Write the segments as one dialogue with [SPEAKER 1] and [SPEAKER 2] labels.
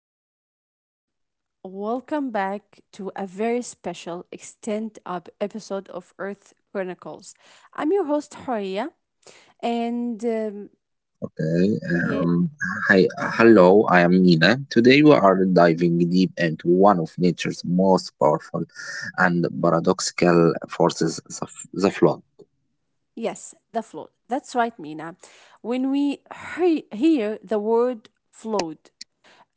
[SPEAKER 1] and welcome back to a very special extend up episode of Earth Chronicles. I'm your host, Horia, and um,
[SPEAKER 2] Okay,
[SPEAKER 1] yeah,
[SPEAKER 2] um, hi, hello, I am Nina. Today we are diving deep into one of nature's most powerful and paradoxical forces, the flood.
[SPEAKER 1] yes, the flood. That's right, Mina. When we hear the word flood,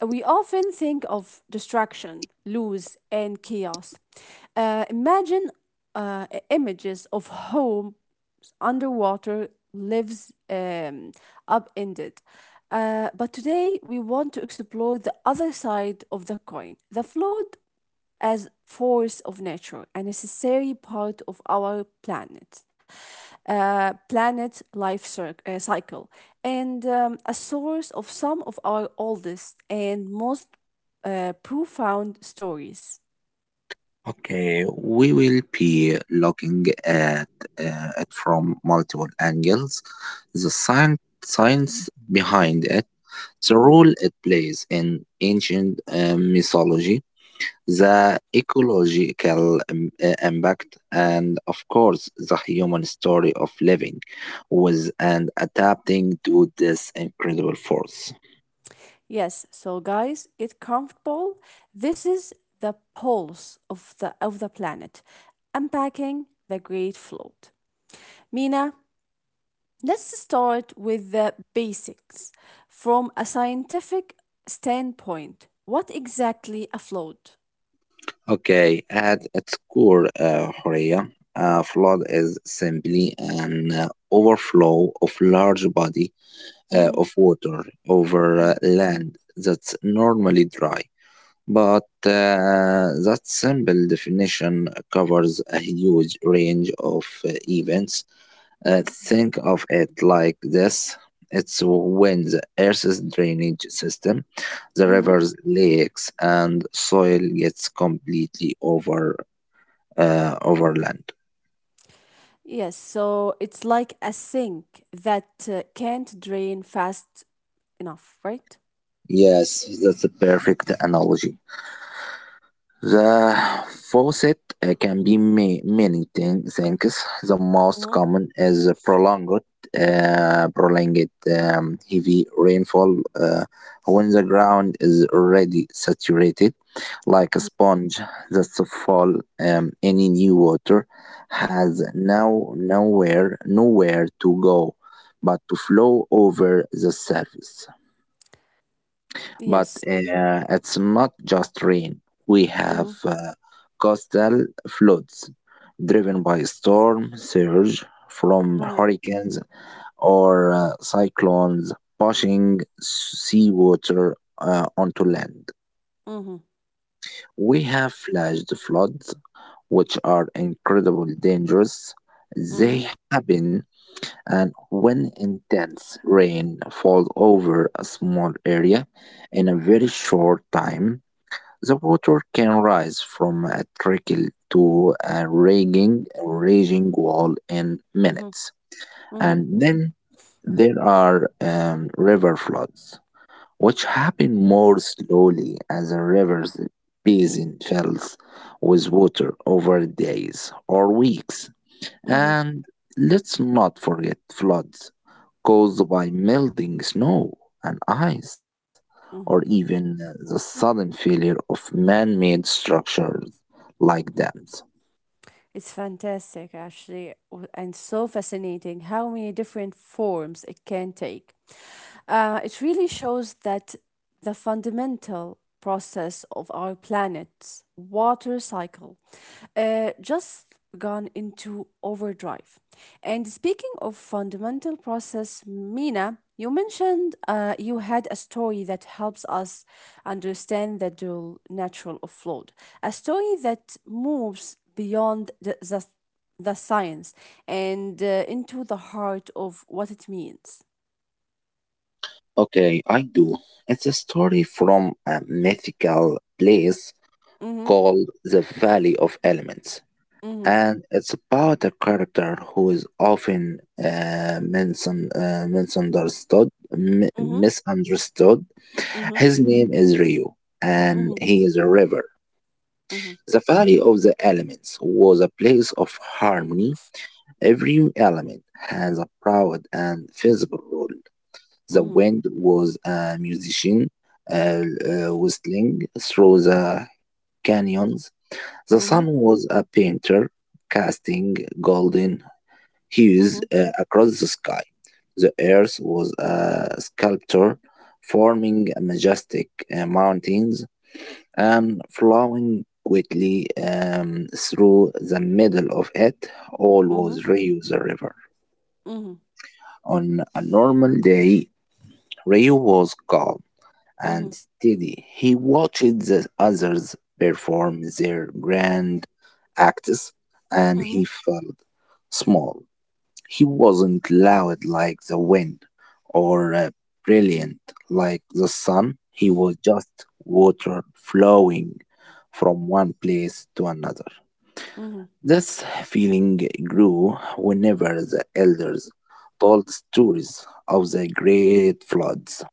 [SPEAKER 1] We often think of destruction, loss, and chaos. Imagine images of homes underwater, lives upended. But today we want to explore the other side of the coin the flood as force of nature, a necessary part of our planet, planet life cycle, and a source of some of our oldest and most profound stories.
[SPEAKER 2] Okay, we will be looking at it from multiple angles, the science behind it, the
[SPEAKER 1] Mhm.
[SPEAKER 2] role it plays in ancient mythology, the ecological impact, and of course, the human story of living with and adapting to this incredible force.
[SPEAKER 1] Yes, so guys, get comfortable. This is the pulse of the planet, unpacking the great float. Mina, let's start with the basics. From a scientific standpoint, what exactly a float?
[SPEAKER 2] Okay, at its core, Horea, a flood is simply an overflow of large body
[SPEAKER 1] Mhm,
[SPEAKER 2] of water over
[SPEAKER 1] mhm,
[SPEAKER 2] land that's normally dry. But that simple definition covers a huge range of events. Think of it like this: it's when the Earth's drainage system, the
[SPEAKER 1] mhm.
[SPEAKER 2] rivers, lakes, and soil gets completely overland.
[SPEAKER 1] Yes, so it's like a sink that can't drain fast enough, right?
[SPEAKER 2] Yes, that's a perfect analogy. The faucet can be many things. The most
[SPEAKER 1] Mhm,
[SPEAKER 2] common is prolonged heavy rainfall, when the ground is already saturated, like a
[SPEAKER 1] mhm.
[SPEAKER 2] sponge that's fall. Any new water has nowhere to go but to flow over the surface. But
[SPEAKER 1] Yes.
[SPEAKER 2] it's not just rain. We
[SPEAKER 1] Mm-hmm.
[SPEAKER 2] have coastal floods driven by storm surge from
[SPEAKER 1] Mm-hmm.
[SPEAKER 2] hurricanes or cyclones pushing seawater onto land.
[SPEAKER 1] Mm-hmm.
[SPEAKER 2] We have flash floods, which are incredibly dangerous.
[SPEAKER 1] Mm-hmm.
[SPEAKER 2] They happen and when intense rain falls over a small area in a very short time, the water can rise from a trickle to a raging wall in
[SPEAKER 1] Mm-hmm.
[SPEAKER 2] minutes.
[SPEAKER 1] Mm-hmm.
[SPEAKER 2] And then there are river floods, which happen more slowly as a river's basin fills with water over days or weeks.
[SPEAKER 1] Mm-hmm.
[SPEAKER 2] And let's not forget floods caused by melting snow and ice, or
[SPEAKER 1] Mm-hmm.
[SPEAKER 2] even the sudden failure of man made structures like dams.
[SPEAKER 1] It's fantastic, actually, and so fascinating how many different forms it can take. It really shows that the fundamental process of our planet's water cycle, just gone into overdrive. And speaking of fundamental process, Mina, you mentioned you had a story that helps us understand the dual natural of flood, a story that moves beyond the science and into the heart of what it means.
[SPEAKER 2] Okay, I do. It's a story from a mythical place
[SPEAKER 1] Mm-hmm,
[SPEAKER 2] called the Valley of Elements.
[SPEAKER 1] mm-hmm,
[SPEAKER 2] And it's about a character who is often misun- uh, misunderstood, mi-
[SPEAKER 1] mm-hmm,
[SPEAKER 2] misunderstood
[SPEAKER 1] mm-hmm,
[SPEAKER 2] His name is Rio, and he is a river.
[SPEAKER 1] mm-hmm,
[SPEAKER 2] The valley of the elements was a place of harmony. Every element has a proud and visible role. The
[SPEAKER 1] mm-hmm,
[SPEAKER 2] wind was a musician, uh, whistling through the canyons. The
[SPEAKER 1] mm-hmm,
[SPEAKER 2] sun was a painter, casting golden hues
[SPEAKER 1] mm-hmm,
[SPEAKER 2] across the sky. The earth was a sculptor, forming majestic mountains and flowing quickly through the middle of it. All
[SPEAKER 1] mm-hmm,
[SPEAKER 2] was Rio the river.
[SPEAKER 1] mm-hmm,
[SPEAKER 2] On a normal day, Rio was calm
[SPEAKER 1] mm-hmm, mm-hmm,
[SPEAKER 2] and steady. He watched the others perform their grand acts and
[SPEAKER 1] mm-hmm,
[SPEAKER 2] he felt small. He wasn't loud like the wind or brilliant like the sun. He was just water flowing from one place to another.
[SPEAKER 1] mm-hmm,
[SPEAKER 2] This feeling grew whenever the elders told stories of the great floods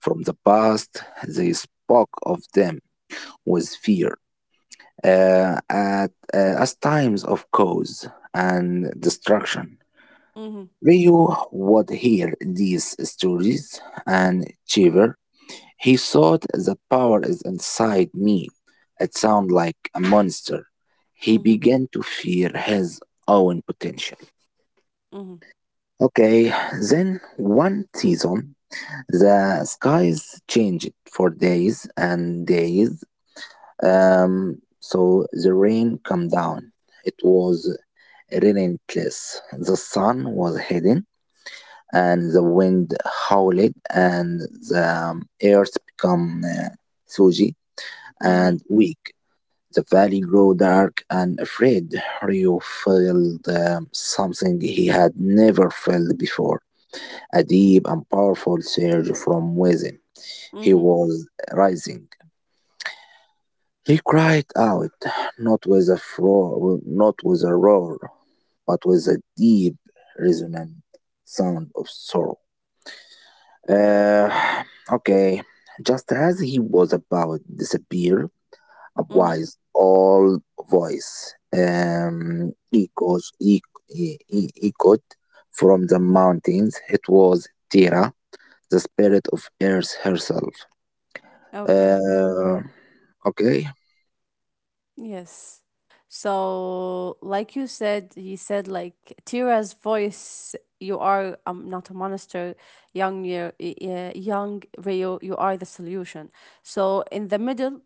[SPEAKER 2] from the past. They spoke of them with fear, as times of cause and destruction.
[SPEAKER 1] mm-hmm,
[SPEAKER 2] Ryu would hear these stories and shiver. He thought the power is inside me. It sounded like a monster. He
[SPEAKER 1] mm-hmm,
[SPEAKER 2] began to fear his own potential.
[SPEAKER 1] mm-hmm.
[SPEAKER 2] Okay, then one season, the skies changed for days and days. So the rain came down. It was relentless. The sun was hidden and the wind howled, and the earth became soggy
[SPEAKER 1] Mm-hmm.
[SPEAKER 2] and weak. The valley grew dark and afraid. Ryu felt something he had never felt before, a deep and powerful surge from within. He
[SPEAKER 1] Mm-hmm.
[SPEAKER 2] was rising. He cried out, not with a roar, but with a deep, resonant sound of sorrow. Uh, okay, just as he was about to disappear, a
[SPEAKER 1] Mm-hmm.
[SPEAKER 2] wise old voice echoed, e- e- e- echoed from the mountains. It was Tira, the spirit of Earth herself.
[SPEAKER 1] Okay.
[SPEAKER 2] Uh, okay.
[SPEAKER 1] Yes. So, like you said, he said like Tira's voice. You are not a monster, young Rio. You are the solution. So in the middle,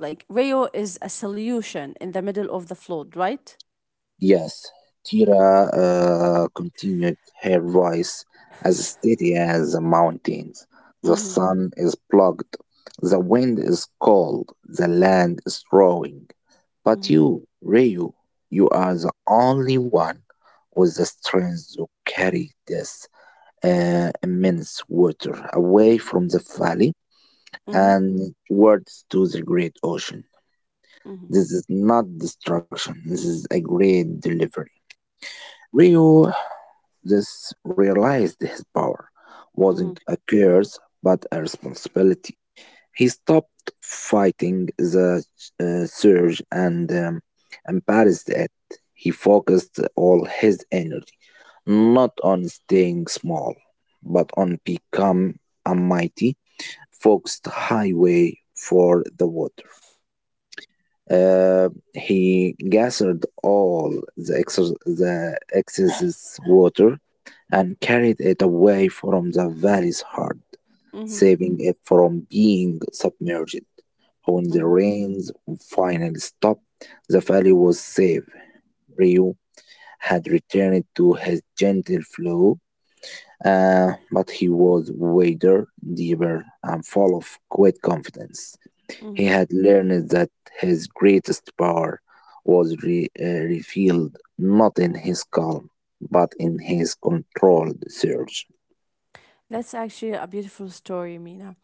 [SPEAKER 1] like Rio is a solution in the middle of the flood, right?
[SPEAKER 2] Yes, Tira continued, her voice as steady as the mountains. The
[SPEAKER 1] Mm-hmm.
[SPEAKER 2] sun is plugged, the wind is cold, the land is roaring. But
[SPEAKER 1] Mm-hmm.
[SPEAKER 2] you, Ryu, you are the only one with the strength to carry this immense water away from the valley
[SPEAKER 1] Mm-hmm.
[SPEAKER 2] and towards to the great ocean.
[SPEAKER 1] Mm-hmm.
[SPEAKER 2] This is not destruction, this is a great delivery. Ryu This realized his power
[SPEAKER 1] Mm-hmm.
[SPEAKER 2] wasn't a curse but a responsibility. He stopped fighting the surge and embraced it. He focused all his energy not on staying small, but on become a mighty, focused highway for the water. He gathered all the excess water and carried it away from the valley's heart, saving it from being submerged. When the
[SPEAKER 1] Mm-hmm.
[SPEAKER 2] rains finally stopped, the valley was safe. Ryu had returned to his gentle flow, but he was wider, deeper, and full of great confidence.
[SPEAKER 1] Mm-hmm.
[SPEAKER 2] He had learned that his greatest power was revealed not in his calm, but in his controlled surge.
[SPEAKER 1] That's actually a beautiful story, Mina.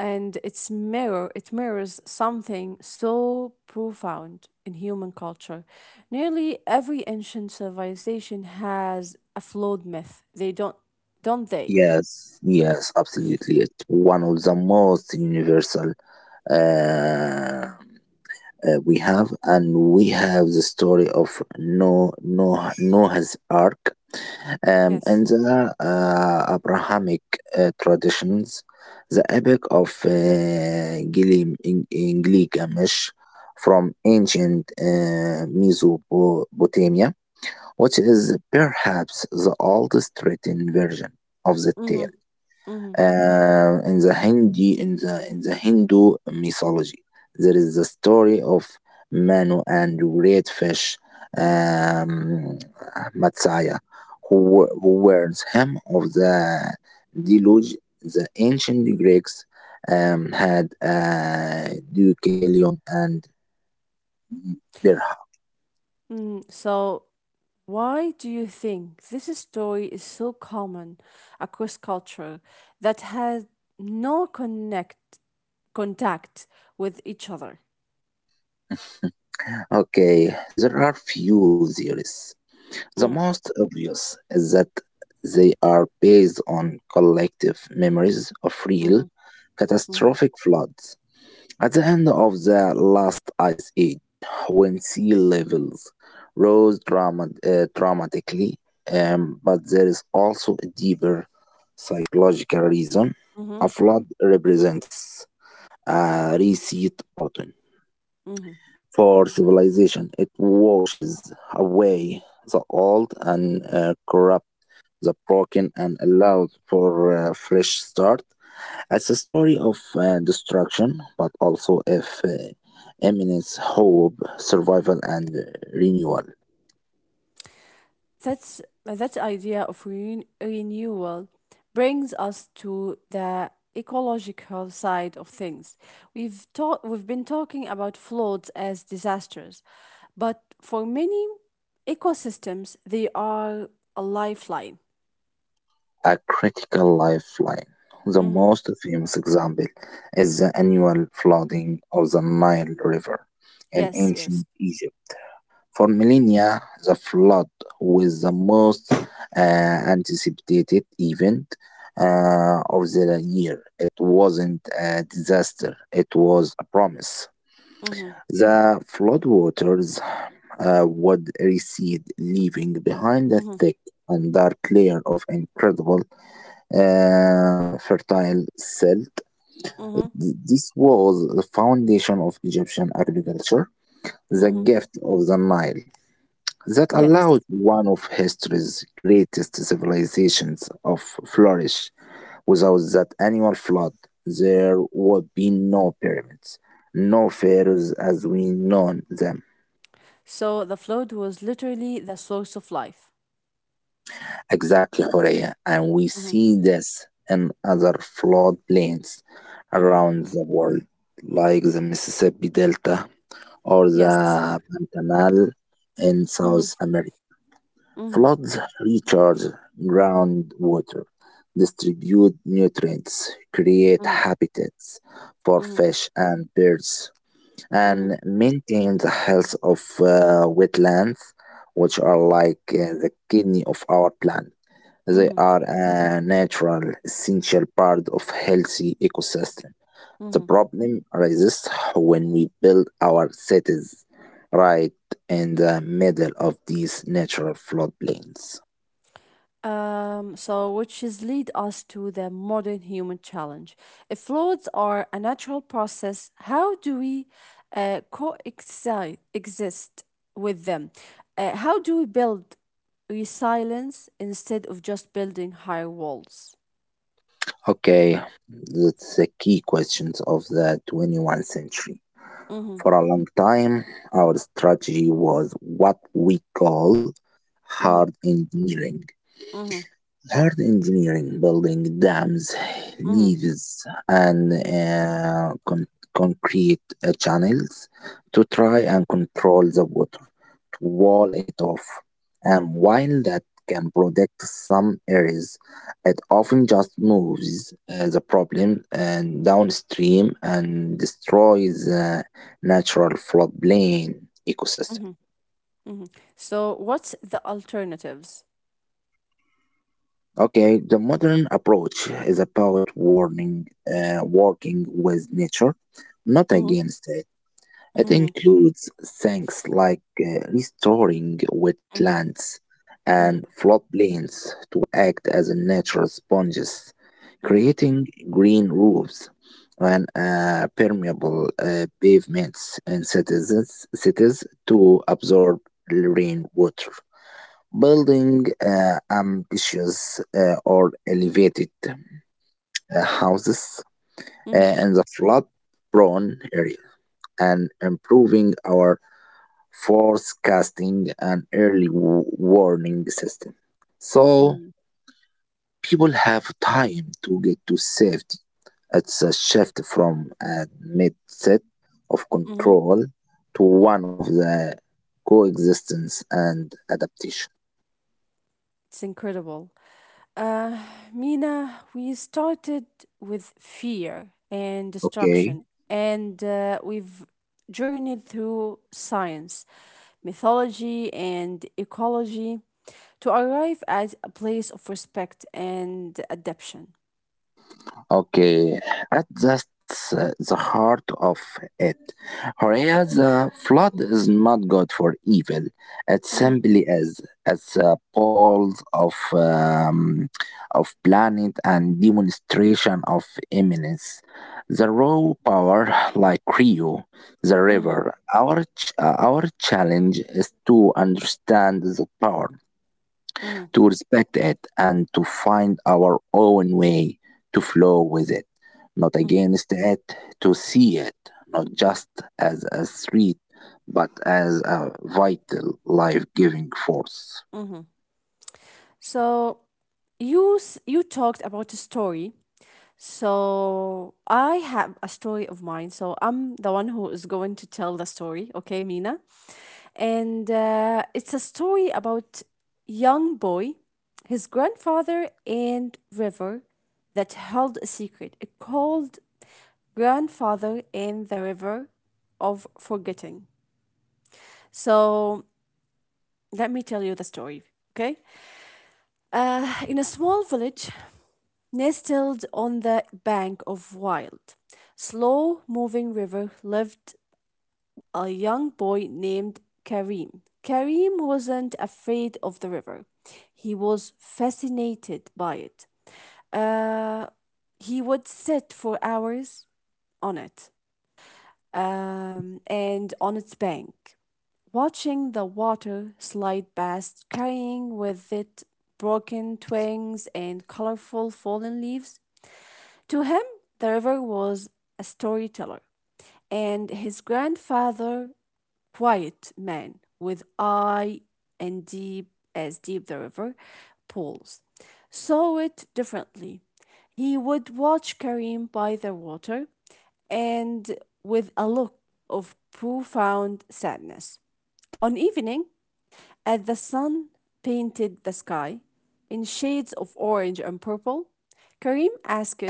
[SPEAKER 1] And it mirrors something so profound in human culture. Nearly every ancient civilization has a flawed myth. They don't they?
[SPEAKER 2] Yes, yes, absolutely. It's one of the most universal uh, we have, and we have the story of Noah's Ark.
[SPEAKER 1] Yes.
[SPEAKER 2] In the Abrahamic traditions, the epic of Gilim in Gilgamesh from ancient Mesopotamia, which is
[SPEAKER 1] Mm.
[SPEAKER 2] perhaps the oldest written version of the
[SPEAKER 1] Mm-hmm.
[SPEAKER 2] tale,
[SPEAKER 1] Mm-hmm.
[SPEAKER 2] in the Hindu mythology. There is the story of Manu and great fish, um, Matsaya, who warns him of the deluge. The ancient Greeks had Deucalion and Berha.
[SPEAKER 1] Mm. So why do you think this story is so common across culture that has no connect contact with each other?
[SPEAKER 2] Okay, there are few theories. The
[SPEAKER 1] Mm.
[SPEAKER 2] most obvious is that they are based on collective memories of real
[SPEAKER 1] Mm-hmm. Mm-hmm.
[SPEAKER 2] catastrophic floods. At the end of the last ice age, when sea levels rose dramatically, but there is also a deeper psychological reason.
[SPEAKER 1] Hmm.
[SPEAKER 2] A flood represents a reset button
[SPEAKER 1] Hmm.
[SPEAKER 2] for civilization. It washes away the old and corrupt, the broken, and allowed for a fresh start. It's a story of destruction, but also of imminence, hope, survival, and renewal.
[SPEAKER 1] That's that idea of renewal brings us to the ecological side of things. We've been talking about floods as disasters, but for many ecosystems, they are a lifeline.
[SPEAKER 2] A critical lifeline. The
[SPEAKER 1] Hmm.
[SPEAKER 2] most famous example is the annual flooding of the Nile River in
[SPEAKER 1] Yes, yes.
[SPEAKER 2] ancient Egypt. For millennia, the flood was the most anticipated event of the year. It wasn't a disaster, it was a promise.
[SPEAKER 1] Hmm.
[SPEAKER 2] The floodwaters would recede, leaving behind a
[SPEAKER 1] Hmm.
[SPEAKER 2] thick and dark layer of incredible fertile silt.
[SPEAKER 1] Hmm.
[SPEAKER 2] This was the foundation of Egyptian agriculture, the
[SPEAKER 1] Hmm.
[SPEAKER 2] gift of the Nile that
[SPEAKER 1] Yes.
[SPEAKER 2] allowed one of history's greatest civilizations to flourish. Without that annual flood, there would be no pyramids, no pharaohs as we know them.
[SPEAKER 1] So the flood was literally the source of life.
[SPEAKER 2] Exactly, Horea, and we
[SPEAKER 1] Hmm.
[SPEAKER 2] see this in other flood plains
[SPEAKER 1] Hmm.
[SPEAKER 2] around the world, like the Mississippi Delta or
[SPEAKER 1] Yes.
[SPEAKER 2] the Pantanal in
[SPEAKER 1] Hmm.
[SPEAKER 2] South America.
[SPEAKER 1] Hmm.
[SPEAKER 2] Floods recharge groundwater, distribute nutrients, create habitats for
[SPEAKER 1] Hmm.
[SPEAKER 2] fish and birds,
[SPEAKER 1] Mhm,
[SPEAKER 2] and maintain the health of wetlands, which are like the kidney of our planet. They
[SPEAKER 1] mhm,
[SPEAKER 2] are a natural, essential part of healthy ecosystem. The
[SPEAKER 1] mhm.
[SPEAKER 2] problem arises when we build our cities right in the middle of these natural floodplains.
[SPEAKER 1] So which is lead us to the modern human challenge. If floods are a natural process, how do we coexist exist with them? How do we build resilience instead of just building high walls?
[SPEAKER 2] Okay, that's the key questions of the 21st century.
[SPEAKER 1] Mhm,
[SPEAKER 2] For a long time, our strategy was what we call
[SPEAKER 1] mhm,
[SPEAKER 2] hard engineering.
[SPEAKER 1] mhm,
[SPEAKER 2] Hard engineering, building dams,
[SPEAKER 1] mhm,
[SPEAKER 2] levees, and
[SPEAKER 1] mhm,
[SPEAKER 2] concrete channels to try and control the water, wall it off. And while that can protect some areas, it often just moves the problem and downstream and destroys the natural floodplain ecosystem.
[SPEAKER 1] mhm, mhm. So, what's the alternatives?
[SPEAKER 2] Okay, the modern approach is about warning, working with nature, not
[SPEAKER 1] Mhm,
[SPEAKER 2] against it. It
[SPEAKER 1] mhm,
[SPEAKER 2] includes things like restoring
[SPEAKER 1] mhm,
[SPEAKER 2] wetlands and
[SPEAKER 1] mhm,
[SPEAKER 2] floodplains to act as natural sponges,
[SPEAKER 1] mhm,
[SPEAKER 2] creating green roofs and permeable pavements in cities to absorb rainwater, building ambitious or elevated houses
[SPEAKER 1] mhm,
[SPEAKER 2] in the flood prone area, and improving our forecasting, and early warning system. So
[SPEAKER 1] mhm,
[SPEAKER 2] people have time to get to safety. It's a shift from a mindset of
[SPEAKER 1] mhm.
[SPEAKER 2] control to one of the coexistence and adaptation.
[SPEAKER 1] It's incredible. Mina, we started with fear and
[SPEAKER 2] Okay.
[SPEAKER 1] destruction, and we've journeyed through science, mythology, and ecology to arrive at a place of respect and adaptation.
[SPEAKER 2] Okay, at that's the heart of it. Horea, the flood is not good for evil. It
[SPEAKER 1] Hmm.
[SPEAKER 2] simply is as a pulse of planet and demonstration of eminence. The raw power, like Rio, the
[SPEAKER 1] Hmm.
[SPEAKER 2] river. Our our challenge is to understand the power,
[SPEAKER 1] Hmm.
[SPEAKER 2] to respect it, and to find our own way to flow with it, not against it, to see it not just as a threat but as a vital life giving force.
[SPEAKER 1] So you talked about a story. So I have a story of mine. So I'm the one who is going to tell the story. Okay, Mina, and it's a story about young boy, his grandfather, and river that held a secret. It called grandfather and the river of forgetting. So let me tell you the story. Okay. In a small village, nestled on the bank of wild, slow moving river lived a young boy named Karim. Karim wasn't afraid of the river. He was fascinated by it. Uh, he would sit for hours on it and on its bank, watching the water slide past, carrying with it broken twigs and colorful fallen leaves. To him, the river was a storyteller, and his grandfather, quiet man with eye and deep as deep the river pools, saw it differently. He would watch Karim by the water and with a look of profound sadness. On evening, as the sun painted the sky in shades of orange and purple, Karim asked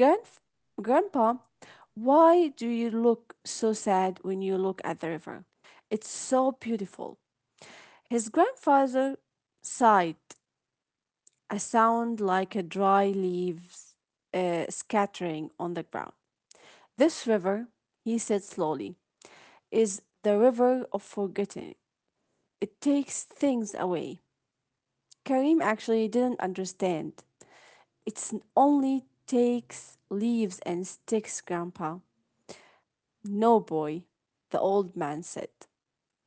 [SPEAKER 1] Grandf Grandpa, why do you look so sad when you look at the river? It's so beautiful. His grandfather sighed, a sound like a dry leaves scattering on the ground. This river, he said slowly, is the river of forgetting. It takes things away. Karim actually didn't understand. It's only takes leaves and sticks, Grandpa. No, boy, the old man said,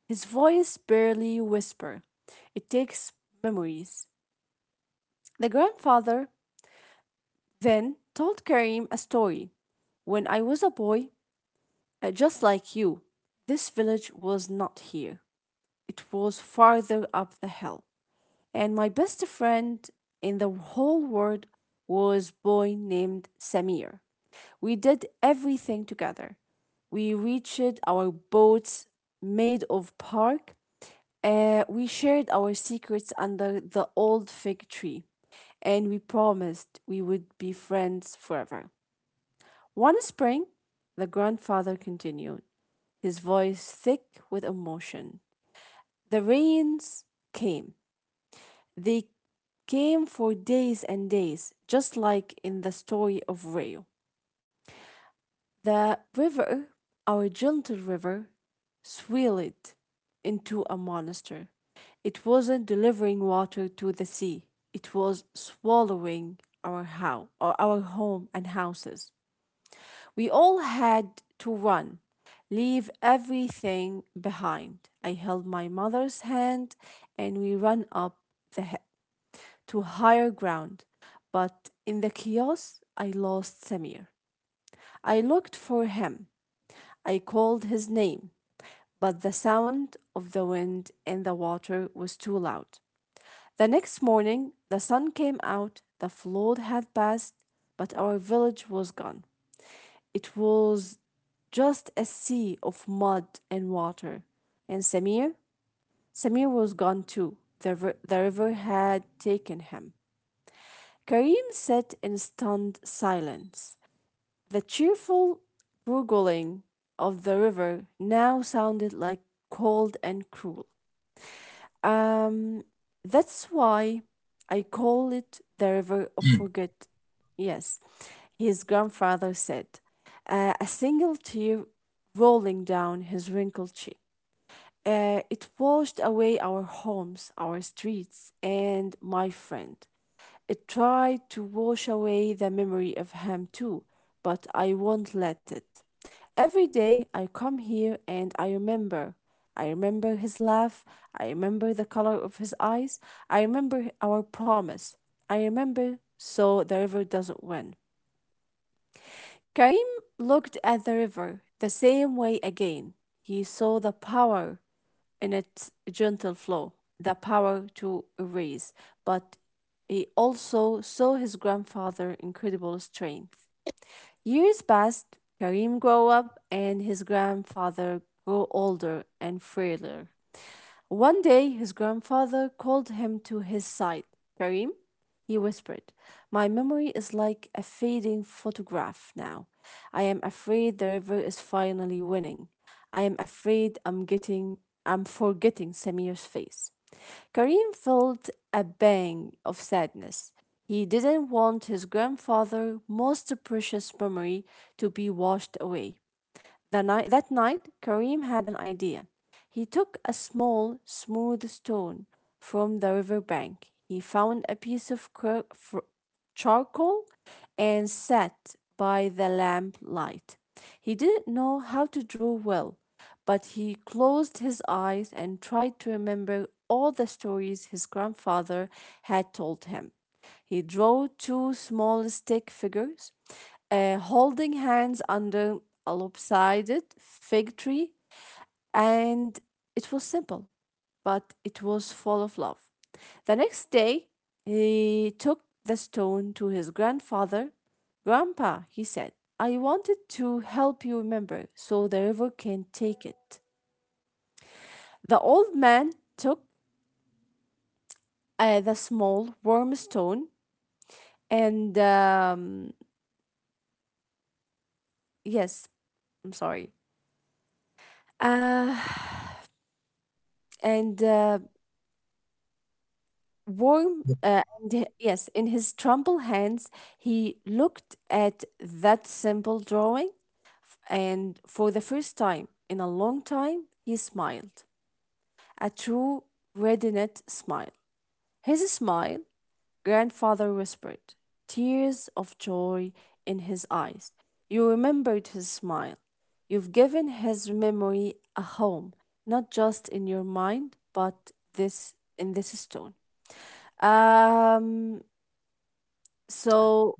[SPEAKER 1] his voice barely whisper. It takes memories. The grandfather then told Karim a story. When I was a boy, just like you, this village was not here. It was farther up the hill. And my best friend in the whole world was a boy named Samir. We did everything together. We reached our boats made of bark. We shared our secrets under the old fig tree, and we promised we would be friends forever. One spring, the grandfather continued, his voice thick with emotion. The rains came. They came for days and days, just like in the story of Rio. The river, our gentle river, swelled into a monster. It wasn't delivering water to the sea. It was swallowing our house, or our home and houses. We all had to run, leave everything behind. I held my mother's hand and we ran up the hill to higher ground. But in the chaos, I lost Samir. I looked for him. I called his name, but the sound of the wind and the water was too loud. The next morning, the sun came out, the flood had passed, but our village was gone. It was just a sea of mud and water. And Samir? Samir was gone too. The river had taken him. Karim sat in stunned silence. The cheerful gurgling of the river now sounded like cold and cruel. Um, that's why I call it the river of forget. Yes, his grandfather said, a single tear rolling down his wrinkled cheek. It washed away our homes, our streets, and my friend. It tried to wash away the memory of him too, but I won't let it. Every day I come here and I remember. I remember his laugh. I remember the color of his eyes. I remember our promise. I remember so the river doesn't win. Karim looked at the river the same way again. He saw the power in its gentle flow the power to erase, but he also saw his grandfather's incredible strength. Years passed, Karim grew up, and his grandfather grew older and frailer. One day, his grandfather called him to his side. Karim, he whispered, my memory is like a fading photograph now. I am afraid the river is finally winning. I am afraid I'm forgetting Samir's face. Karim felt a bang of sadness. He didn't want his grandfather's most precious memory to be washed away. That night, Karim had an idea. He took a small, smooth stone from the river bank. He found a piece of charcoal and sat by the lamplight. He didn't know how to draw well, but he closed his eyes and tried to remember all the stories his grandfather had told him. He drew two small stick figures holding hands under a lopsided fig tree, and it was simple, but it was full of love. The next day, he took the stone to his grandfather. Grandpa, he said, I wanted to help you remember so the river can take it. The old man took the small warm stone and, yes, I'm sorry, Uh, and warm, yes, in his tremble hands, he looked at that simple drawing, and for the first time in a long time, he smiled a true radiant smile. His smile grandfather whispered, tears of joy in his eyes. You remembered his smile. You've given his memory a home, not just in your mind, but this in this stone. Um so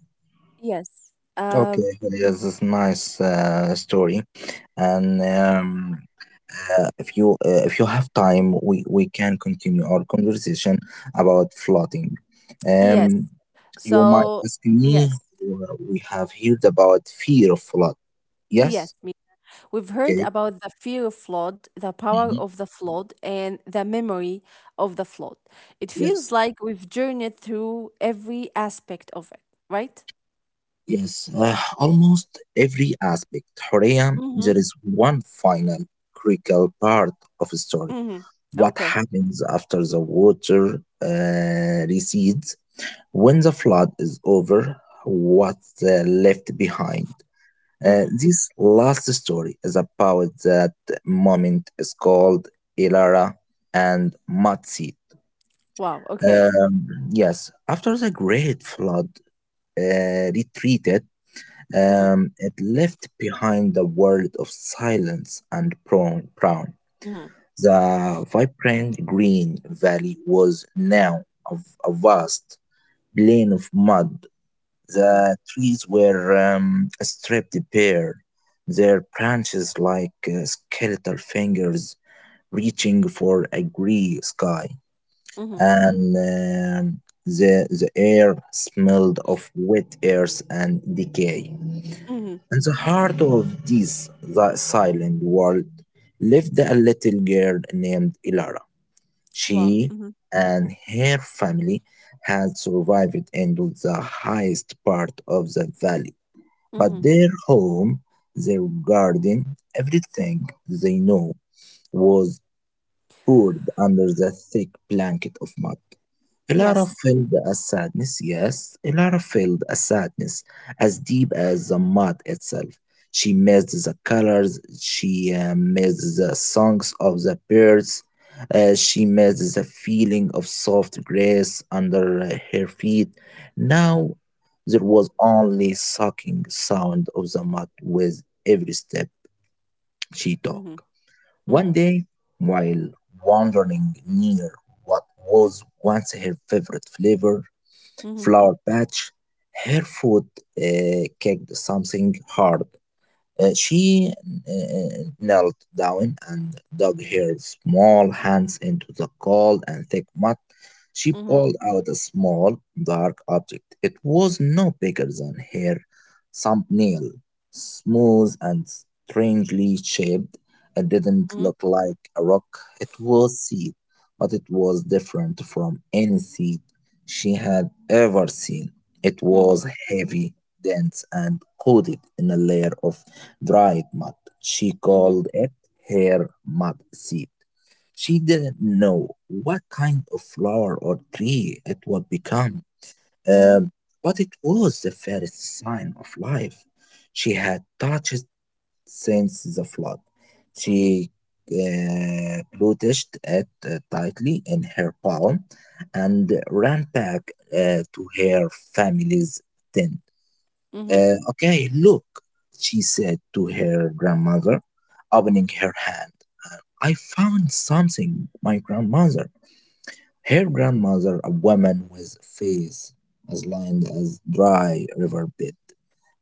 [SPEAKER 1] yes. Um
[SPEAKER 2] Okay, yes, it's nice story, and if you have time, we can continue our conversation about flooding. Um,
[SPEAKER 1] yes.
[SPEAKER 2] you might
[SPEAKER 1] So
[SPEAKER 2] ask me,
[SPEAKER 1] yes.
[SPEAKER 2] we have heard about fear of flood.
[SPEAKER 1] Yes,
[SPEAKER 2] Yes,
[SPEAKER 1] we've heard
[SPEAKER 2] okay.
[SPEAKER 1] about the fear of flood, the power
[SPEAKER 2] Mhm.
[SPEAKER 1] of the flood, and the memory of the flood. It
[SPEAKER 2] Yes,
[SPEAKER 1] feels like we've journeyed through every aspect of it, right?
[SPEAKER 2] yes. Almost every aspect, Horea, there
[SPEAKER 1] Mm-hmm.
[SPEAKER 2] is one final critical part of the story.
[SPEAKER 1] Mm-hmm.
[SPEAKER 2] What
[SPEAKER 1] Okay.
[SPEAKER 2] happens after the water recedes? When the flood is over, what's left behind?
[SPEAKER 1] Mm-hmm.
[SPEAKER 2] This last story is about that moment. It's called Ilara and Matsi.
[SPEAKER 1] Wow. Okay.
[SPEAKER 2] Yes, after the great flood retreated,
[SPEAKER 1] Mm-hmm.
[SPEAKER 2] it left behind a world of silence and brown.
[SPEAKER 1] Mm-hmm.
[SPEAKER 2] The vibrant green valley was now a, a vast plain of mud.
[SPEAKER 1] Mm-hmm.
[SPEAKER 2] The trees were stripped bare, their branches like skeletal fingers reaching for a gray sky.
[SPEAKER 1] Mm-hmm.
[SPEAKER 2] And the air smelled of wet earth and decay.
[SPEAKER 1] Mm-hmm.
[SPEAKER 2] In the heart of this the silent world lived a little girl named Ilar.
[SPEAKER 1] Wow.
[SPEAKER 2] She
[SPEAKER 1] Mm-hmm.
[SPEAKER 2] and her family had survived into the highest part of the valley, but
[SPEAKER 1] Mm-hmm.
[SPEAKER 2] their home, their garden, everything they know was buried under the thick blanket of mud. A lot of
[SPEAKER 1] Yes.
[SPEAKER 2] filled as sadness, yes, a lot of filled as sadness, as deep as the mud itself. She missed the colors, she missed the songs of the birds, she missed the feeling of soft grass under her feet. Now there was only sucking sound of the mud with every step she took.
[SPEAKER 1] Mm-hmm.
[SPEAKER 2] One
[SPEAKER 1] Mm-hmm.
[SPEAKER 2] day, while wandering near what was once her favorite flavor,
[SPEAKER 1] Mm-hmm.
[SPEAKER 2] flower patch. Her foot kicked something hard. She knelt down and dug her small hands into the cold and thick mud. She
[SPEAKER 1] Mm-hmm.
[SPEAKER 2] pulled out a small, dark object. It was no bigger than her thumbnail, smooth and strangely shaped. It didn't
[SPEAKER 1] Mm-hmm.
[SPEAKER 2] look like a rock, it was seed, but it was different from any seed she had ever seen. It
[SPEAKER 1] Mm-hmm.
[SPEAKER 2] was heavy, dense, and coated in a layer of dried mud. She
[SPEAKER 1] Mm-hmm.
[SPEAKER 2] called it her mud seed. She didn't know what kind of flower or tree it would become,
[SPEAKER 1] Mm-hmm.
[SPEAKER 2] um, but it was the first sign of life she had touched since the flood.
[SPEAKER 1] Mm-hmm.
[SPEAKER 2] She clutched it tightly in her palm and ran back to her family's tent.
[SPEAKER 1] Mm-hmm. Mm-hmm.
[SPEAKER 2] Okay, look, she said to her grandmother, opening her hand. I found something, my grandmother. Her grandmother, a woman with a face as lined as dry river bed,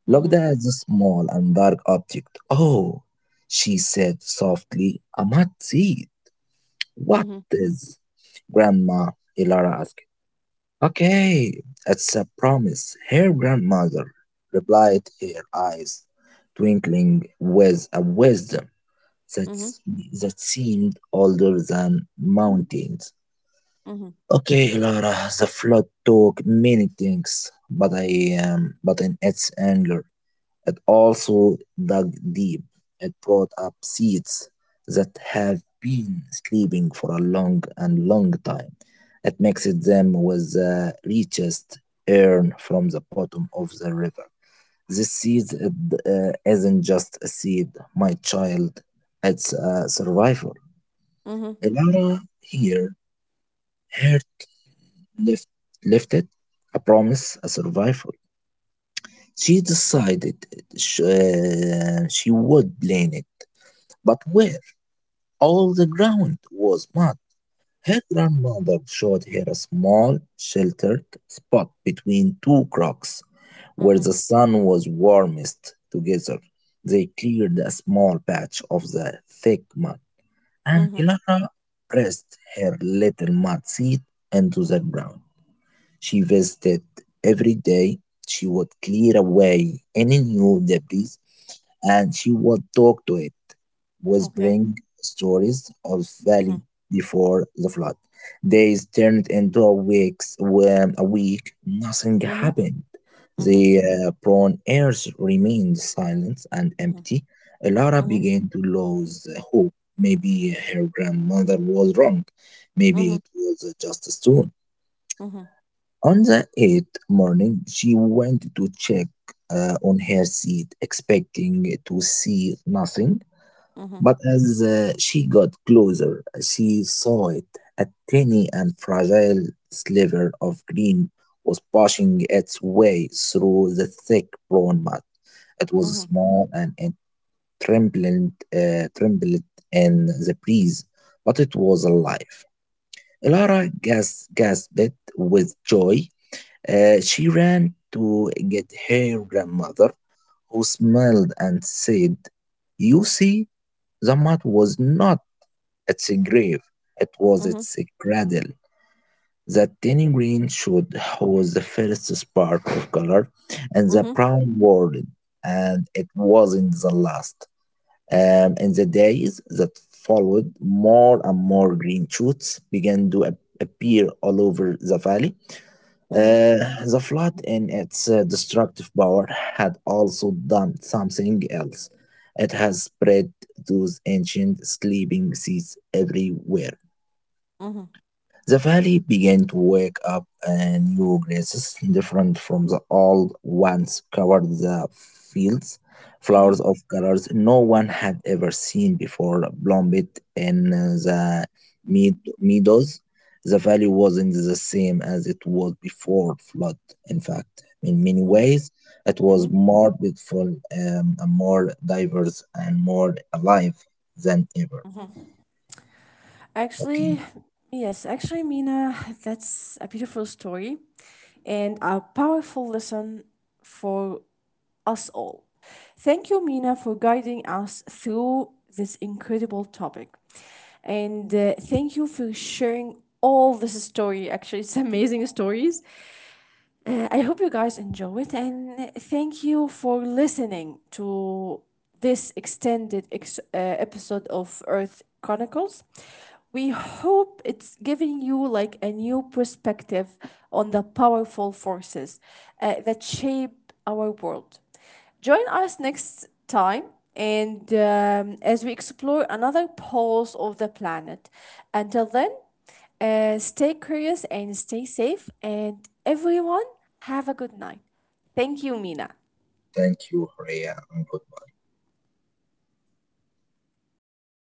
[SPEAKER 2] looked
[SPEAKER 1] Mm-hmm.
[SPEAKER 2] at the small and dark object. Oh, she said softly, I must see it. What is? Grandma Ilara. Okay, it's a promise, her grandmother, replied, her eyes twinkling with a wisdom that,
[SPEAKER 1] Mm-hmm.
[SPEAKER 2] that seemed older than mountains.
[SPEAKER 1] Mm-hmm.
[SPEAKER 2] Okay, Lara, the flood took many things, but I am, but in its anger, it also dug deep. It brought up seeds that have been sleeping for a long and long time. It mixed them with the richest urn from the bottom of the river. This seed it, isn't just a seed, my child. It's a survival. Elara here heard left, left it, a promise, a survival. She decided she would plan it. But where all the ground was mud, her grandmother showed her a small sheltered spot between two cracks where
[SPEAKER 1] Mm-hmm.
[SPEAKER 2] the sun was warmest together. They cleared a small patch of the thick mud, and
[SPEAKER 1] Mm-hmm.
[SPEAKER 2] Ilara pressed her little mud seed into the ground. She visited every day. She would clear away any new debris and she would talk to it was
[SPEAKER 1] Okay.
[SPEAKER 2] bring stories of
[SPEAKER 1] Mm-hmm.
[SPEAKER 2] valley before the flood. Days turned into a weeks when a week nothing
[SPEAKER 1] Mm-hmm.
[SPEAKER 2] happened.
[SPEAKER 1] Mhm,
[SPEAKER 2] The prone earth remained silent and
[SPEAKER 1] mhm,
[SPEAKER 2] empty. Lara
[SPEAKER 1] mhm,
[SPEAKER 2] began to lose hope. Maybe her grandmother was wrong. Maybe
[SPEAKER 1] mhm,
[SPEAKER 2] it was just a stone.
[SPEAKER 1] mhm,
[SPEAKER 2] On the eighth morning, she went to check on her seat, expecting to see nothing.
[SPEAKER 1] mhm,
[SPEAKER 2] But as she got closer, she saw it. A tiny and fragile sliver of green was pushing its way through the thick brown mud. It was
[SPEAKER 1] mhm,
[SPEAKER 2] small and it trembled, trembled in the breeze, but it was alive. Elara gasped with joy. She ran to get her grandmother, who smiled and said, you see, the mud was not its grave, it was
[SPEAKER 1] mhm,
[SPEAKER 2] its cradle. The tiny green shoot was the first spark of color in the
[SPEAKER 1] mhm,
[SPEAKER 2] brown world, and it wasn't the last. In the days that followed, more and more green shoots began to appear all over the valley.
[SPEAKER 1] mhm,
[SPEAKER 2] Uh, the flood in its destructive power had also done something else. It has spread those ancient sleeping seeds everywhere.
[SPEAKER 1] mhm,
[SPEAKER 2] The valley began to wake up, and new grasses, different from the old ones, covered the fields. Flowers
[SPEAKER 1] mhm,
[SPEAKER 2] of colors no one had ever seen before bloomed in the meadows. The valley wasn't the same as it was before flood. In fact, in many
[SPEAKER 1] mhm,
[SPEAKER 2] ways, it was
[SPEAKER 1] mhm.
[SPEAKER 2] more beautiful, and more diverse, and more alive than ever. Okay,
[SPEAKER 1] Actually, yes, actually, Mina, that's a beautiful story and a powerful lesson for us all. Thank you, Mina, for guiding us through this incredible topic. And thank you for sharing all this story. Actually, it's amazing stories. I hope you guys enjoy it and thank you for listening to this extended episode of Earth Chronicles. We hope it's giving you like a new perspective on the powerful forces that shape our world. Join us next time and as we explore another pulse of the planet. Until then, stay curious and stay safe, and everyone, have a good night. Thank you, Mina.
[SPEAKER 2] thank you, Rhea, and good